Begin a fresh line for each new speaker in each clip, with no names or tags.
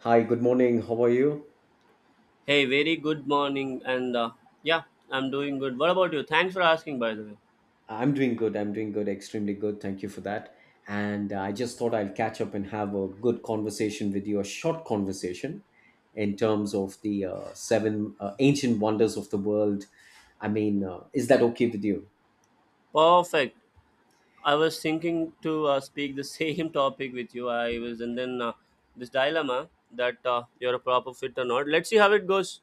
Hi, good morning. How are you?
Hey, very good morning, yeah, I'm doing good. What about you? Thanks for asking, by the way.
I'm doing good. I'm doing good. Extremely good. Thank you for that. And I just thought I'll catch up and have a good conversation with you, a short conversation in terms of the seven ancient wonders of the world. I mean, is that okay with you?
Perfect. I was thinking to speak the same topic with you. I was, and then This dilemma that you're a proper fit or not. Let's see how it goes.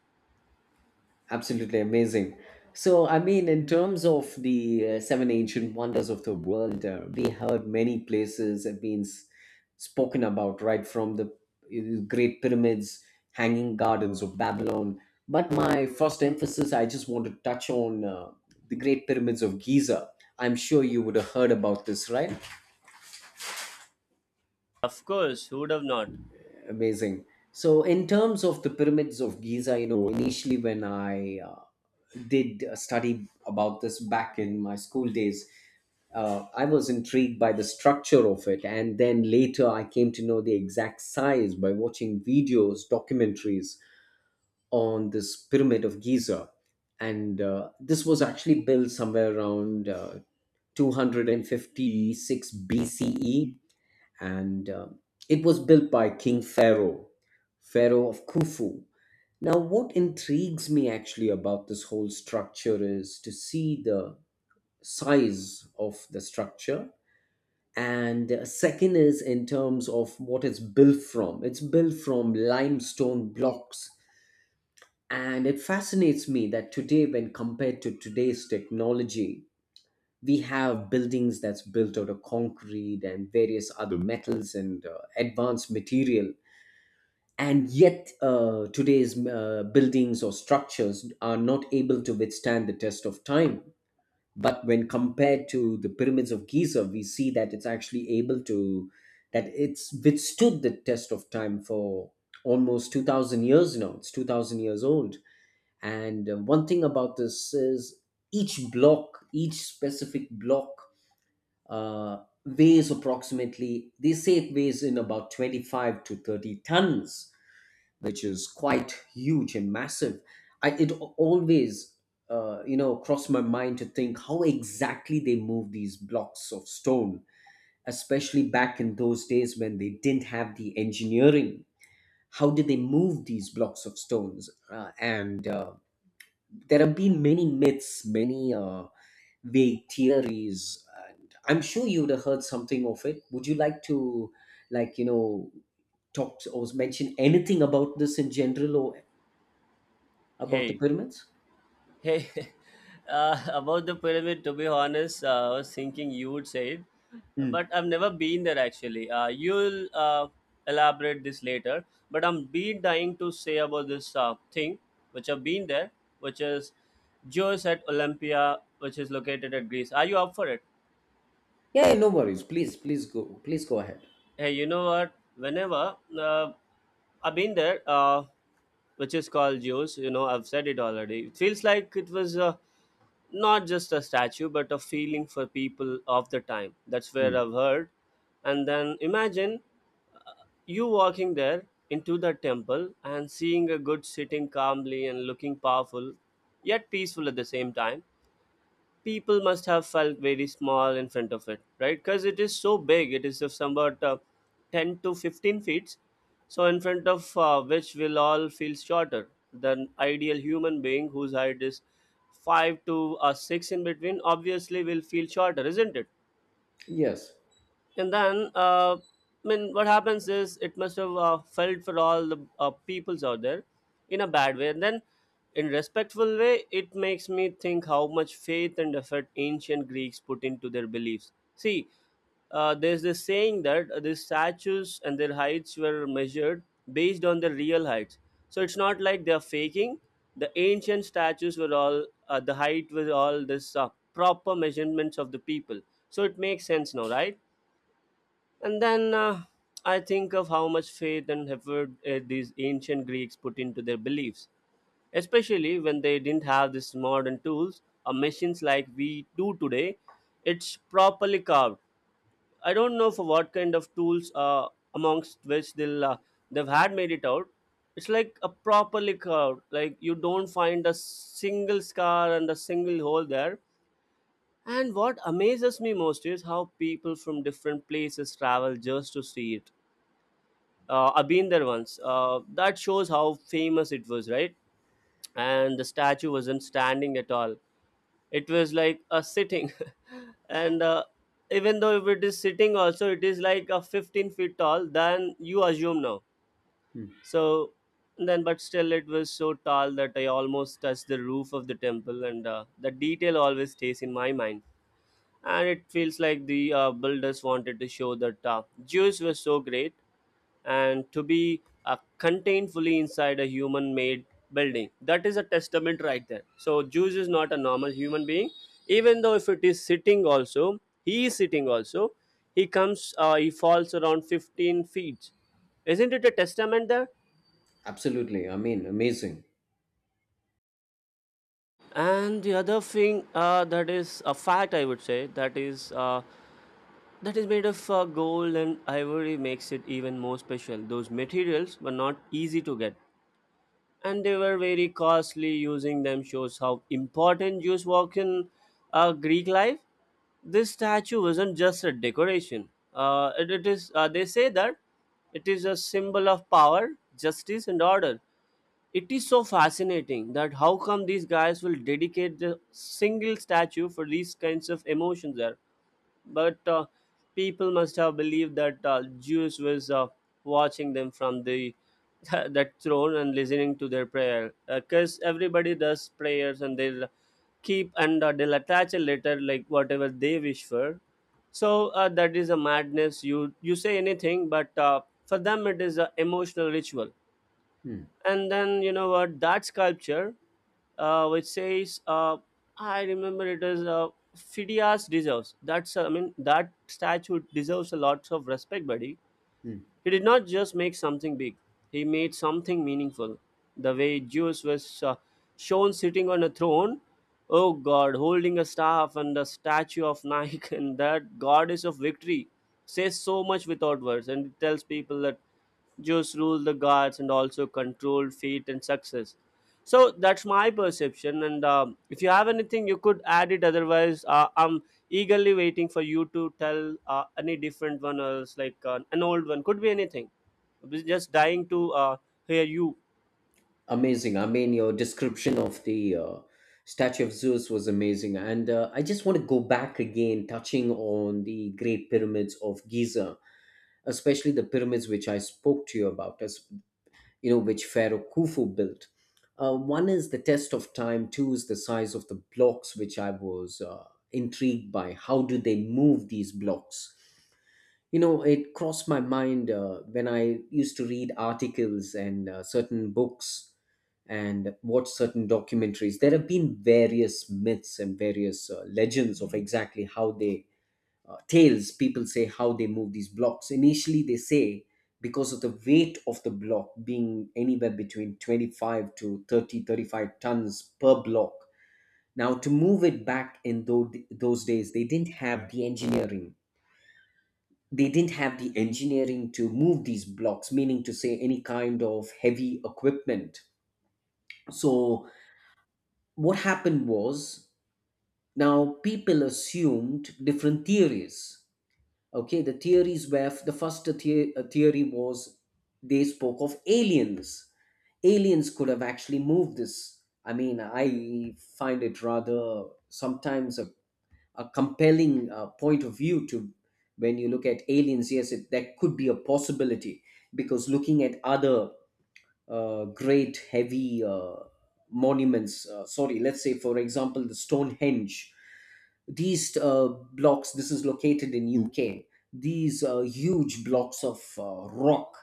Absolutely amazing. So, I mean, in terms of the seven ancient wonders of the world, we heard many places have been spoken about, right from the Great Pyramids, Hanging Gardens of Babylon. But my first emphasis, I just want to touch on the Great Pyramids of Giza. I'm sure you would have heard about this, right?
Of course, who would have not?
Amazing. So, in terms of the pyramids of Giza, you know, initially when I did study about this back in my school days, I was intrigued by the structure of it, and then later I came to know the exact size by watching videos, documentaries on this pyramid of Giza. And this was actually built somewhere around 256 BCE, and it was built by King Pharaoh, Pharaoh of Khufu. Now, what intrigues me actually about this whole structure is to see the size of the structure and second is in terms of what it's built from, it's built from limestone blocks, and it fascinates me that today, when compared to today's technology, we have buildings that's built out of concrete and various other metals and advanced material, and yet today's buildings or structures are not able to withstand the test of time. But when compared to the pyramids of Giza, we see that it's actually able to, that it's withstood the test of time for almost 2000 years. Now it's 2000 years old. And one thing about this is, each block, each specific block, uh, weighs approximately, they say it weighs in about 25 to 30 tons, which is quite huge and massive. I, it always, you know, crossed my mind to think how exactly they move these blocks of stone, especially back in those days when they didn't have the engineering. How did they move these blocks of stones? And there have been many myths, many vague theories. And I'm sure you would have heard something of it. Would you like to, like you know, talk or mention anything about this in general or about the
Hey,
pyramids?
Hey, about the pyramid, to be honest, I was thinking you would say it,
Mm.
but I've never been there actually. You'll elaborate this later, but I'm been dying to say about this thing which I've been there, which is Zeus at Olympia, which is located at Greece. Are you up for it?
Yeah, yeah, no worries. Please, please go. Please go ahead.
Hey, you know what? Whenever I've been there, which is called Zeus, you know, I've said it already. It feels like it was. Not just a statue but a feeling for people of the time. That's where
Mm.
I've heard. And then imagine you walking there into the temple and seeing a good sitting calmly and looking powerful yet peaceful at the same time. People must have felt very small in front of it, right? Because it is so big. It is just about 10 to 15 feet. So in front of which we'll all feel shorter than ideal human being, whose height is 5 to 6 in between, obviously will feel shorter, isn't it?
Yes.
And then, I mean, What happens is it must have felt for all the peoples out there in a bad way. And then, in respectful way, it makes me think how much faith and effort ancient Greeks put into their beliefs. See, there's this saying that these statues and their heights were measured based on their real heights. So it's not like they're faking. The ancient statues were all the height was all this proper measurements of the people. So it makes sense now, right? And then I think of how much faith and effort these ancient Greeks put into their beliefs, especially when they didn't have these modern tools or machines like we do today. It's properly carved. I don't know for what kind of tools amongst which they'll, uh, they've had made it out. It's like a properly carved, like you don't find a single scar and a single hole there. And what amazes me most is how people from different places travel just to see it. I've been there once. That shows how famous it was, right? And the statue wasn't standing at all. It was like a sitting, and even though if it is sitting, also it is like a 15 feet tall. Then you assume now.
Mm,
So then, but still, it was so tall that I almost touched the roof of the temple, and the detail always stays in my mind, and it feels like the builders wanted to show that Jews were so great and to be contained fully inside a human made building. That is a testament right there. So, Jews is not a normal human being, even though if it is sitting also, he is sitting also. He comes, he falls around 15 feet. Isn't it a testament there?
absolutely. I mean, amazing.
And the other thing that is a fact, I would say, that is. That is made of gold and ivory makes it even more special. Those materials were not easy to get, and they were very costly. Using them shows how important Jews were in Greek life. This statue wasn't just a decoration. It is they say that it is a symbol of power, justice, and order. It is so fascinating that how come these guys will dedicate the single statue for these kinds of emotions there. But people must have believed that Zeus was watching them from the that throne and listening to their prayer, because everybody does prayers and they'll keep, and they'll attach a letter like whatever they wish for. So that is a madness. You say anything, but for them it is an emotional ritual.
Mm.
And then you know what, that sculpture which says I remember it is Phidias deserves. That's I mean That statue deserves a lot of respect, buddy.
Mm.
He did not just make something big, he made something meaningful. The way Zeus was shown sitting on a throne, oh god, holding a staff and a statue of Nike and that goddess of victory, says so much without words, and it tells people that Zeus ruled the gods and also controlled fate and success. So that's my perception, and if you have anything you could add it, otherwise I'm eagerly waiting for you to tell any different one else, like an old one, could be anything. We're just dying to hear you.
Amazing. I mean, your description of the statue of Zeus was amazing, and I just want to go back again, touching on the Great Pyramids of Giza, especially the pyramids which I spoke to you about. As you know, which Pharaoh Khufu built. One is the test of time, two is the size of the blocks, which I was intrigued by. How do they move these blocks? You know, it crossed my mind when I used to read articles and certain books and watch certain documentaries. There have been various myths and various legends of exactly how they tales, people say how they move these blocks. Initially they say, because of the weight of the block being anywhere between 25 to 30, 35 tons per block, now to move it back in those days, they didn't have the engineering. They didn't have the engineering to move these blocks, meaning to say any kind of heavy equipment. So what happened was, now people assumed different theories. Okay, the theories were, the first, theory was, they spoke of aliens. Aliens could have actually moved this. I mean, I find it rather sometimes a compelling point of view to, when you look at aliens, yes, it, that could be a possibility, because looking at other great heavy monuments. Sorry, let's say, for example, the Stonehenge. These blocks, this is located in UK, these huge blocks of rock.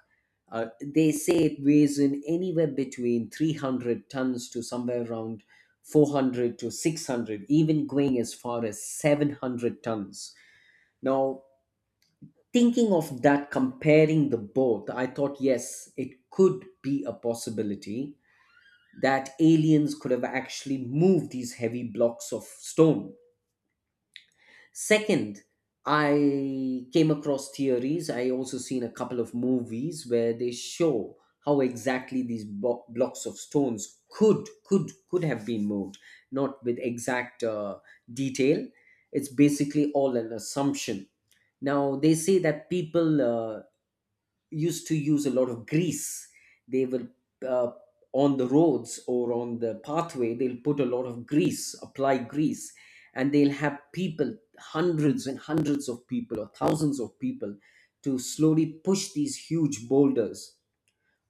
Uh, they say it weighs in anywhere between 300 tons to somewhere around 400 to 600, even going as far as 700 tons. Now, thinking of that, comparing the both, I thought, yes, it could be a possibility that aliens could have actually moved these heavy blocks of stone. Second, I came across theories. I also seen a couple of movies where they show how exactly these blocks of stones could have been moved, not with exact detail. It's basically all an assumption. Now they say that people uh, used to use a lot of grease. They will, uh, on the roads or on the pathway, they'll put a lot of grease, apply grease, and they'll have people, hundreds and hundreds of people or thousands of people, to slowly push these huge boulders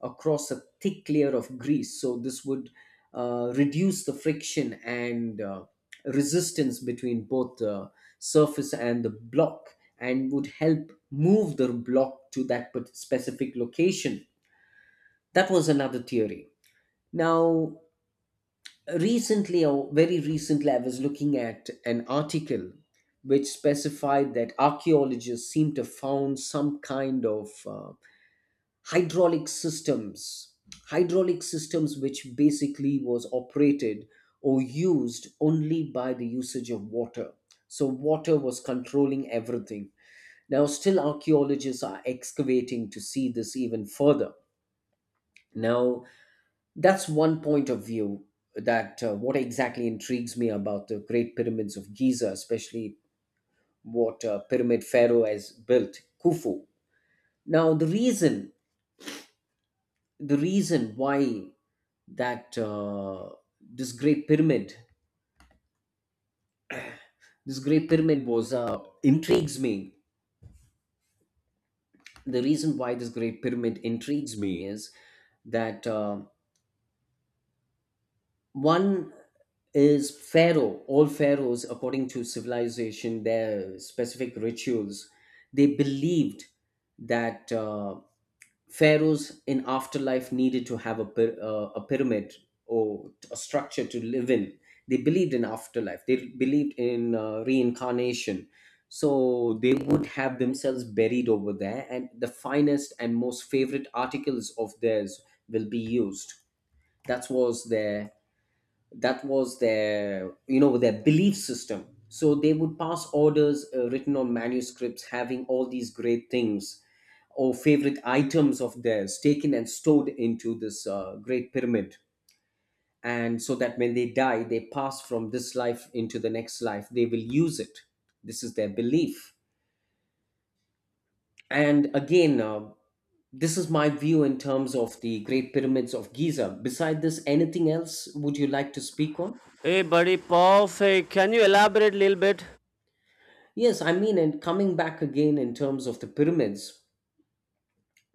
across a thick layer of grease. So this would reduce the friction and resistance between both the surface and the block, and would help move the block to that specific location. That was another theory. Now, recently or very recently, I was looking at an article which specified that archaeologists seem to have found some kind of hydraulic systems, hydraulic systems which basically was operated or used only by the usage of water. So water was controlling everything. Now still archaeologists are excavating to see this even further. Now that's one point of view. That What exactly intrigues me about the Great Pyramids of Giza, especially, what pyramid Pharaoh has built, Khufu. Now the reason why that this great pyramid, this great pyramid was intrigues me the reason why this great pyramid intrigues me is that, one is, Pharaoh, all pharaohs, according to civilization, their specific rituals, they believed that pharaohs in afterlife needed to have a pyramid or a structure to live in. They believed in afterlife, they believed in reincarnation. So they would have themselves buried over there, and the finest and most favorite articles of theirs will be used. That was their that was their you know, their belief system. So they would pass orders written on manuscripts, having all these great things or favorite items of theirs taken and stored into this great pyramid. And so that when they die, they pass from this life into the next life, they will use it. This is their belief. And again, this is my view in terms of the Great Pyramids of Giza. Beside this, anything else would you like to speak on?
Hey, buddy, perfect. Can you elaborate a little bit?
Yes, I mean, and coming back again in terms of the pyramids,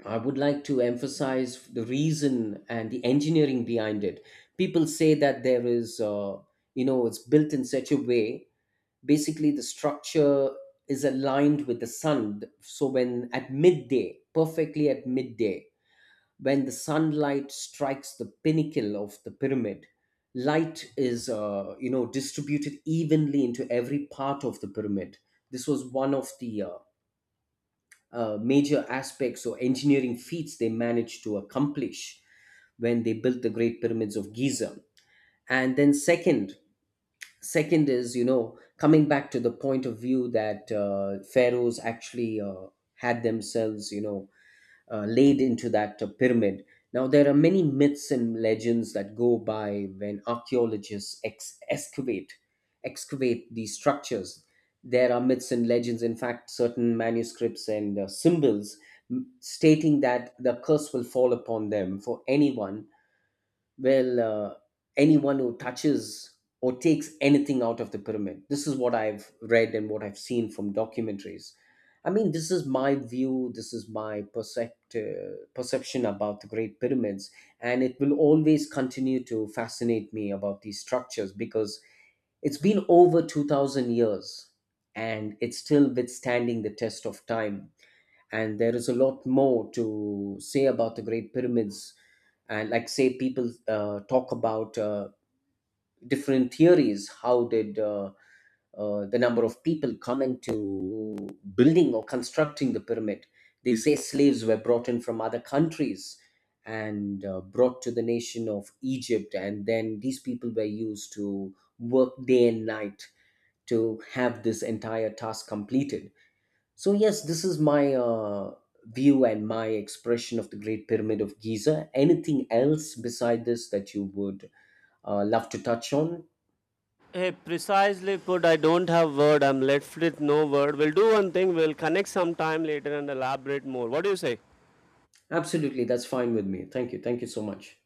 I would like to emphasize the reason and the engineering behind it. People say that there is, you know, it's built in such a way, basically, the structure is aligned with the sun. So, when at midday, perfectly at midday, when the sunlight strikes the pinnacle of the pyramid, light is, you know, distributed evenly into every part of the pyramid. This was one of the major aspects or engineering feats they managed to accomplish when they built the Great Pyramids of Giza. And then second, second is, you know, coming back to the point of view that pharaohs actually had themselves, you know, laid into that pyramid. Now, there are many myths and legends that go by when archaeologists excavate, excavate these structures. There are myths and legends, in fact, certain manuscripts and symbols, stating that the curse will fall upon them, for anyone, well anyone who touches or takes anything out of the pyramid. This is what I've read and what I've seen from documentaries. I mean, this is my view, this is my perception about the Great Pyramids. And it will always continue to fascinate me about these structures, because it's been over 2000 years and it's still withstanding the test of time. And there is a lot more to say about the great pyramids. And like, say, people talk about different theories, how did the number of people come into building or constructing the pyramid. They say slaves were brought in from other countries and brought to the nation of Egypt, and then these people were used to work day and night to have this entire task completed. So, yes, this is my view and my expression of the Great Pyramid of Giza. Anything else beside this that you would love to touch on?
Hey, precisely put. I don't have word, I'm left with no word. We'll do one thing, we'll connect sometime later and elaborate more. What do you say?
Absolutely, that's fine with me. Thank you. Thank you so much.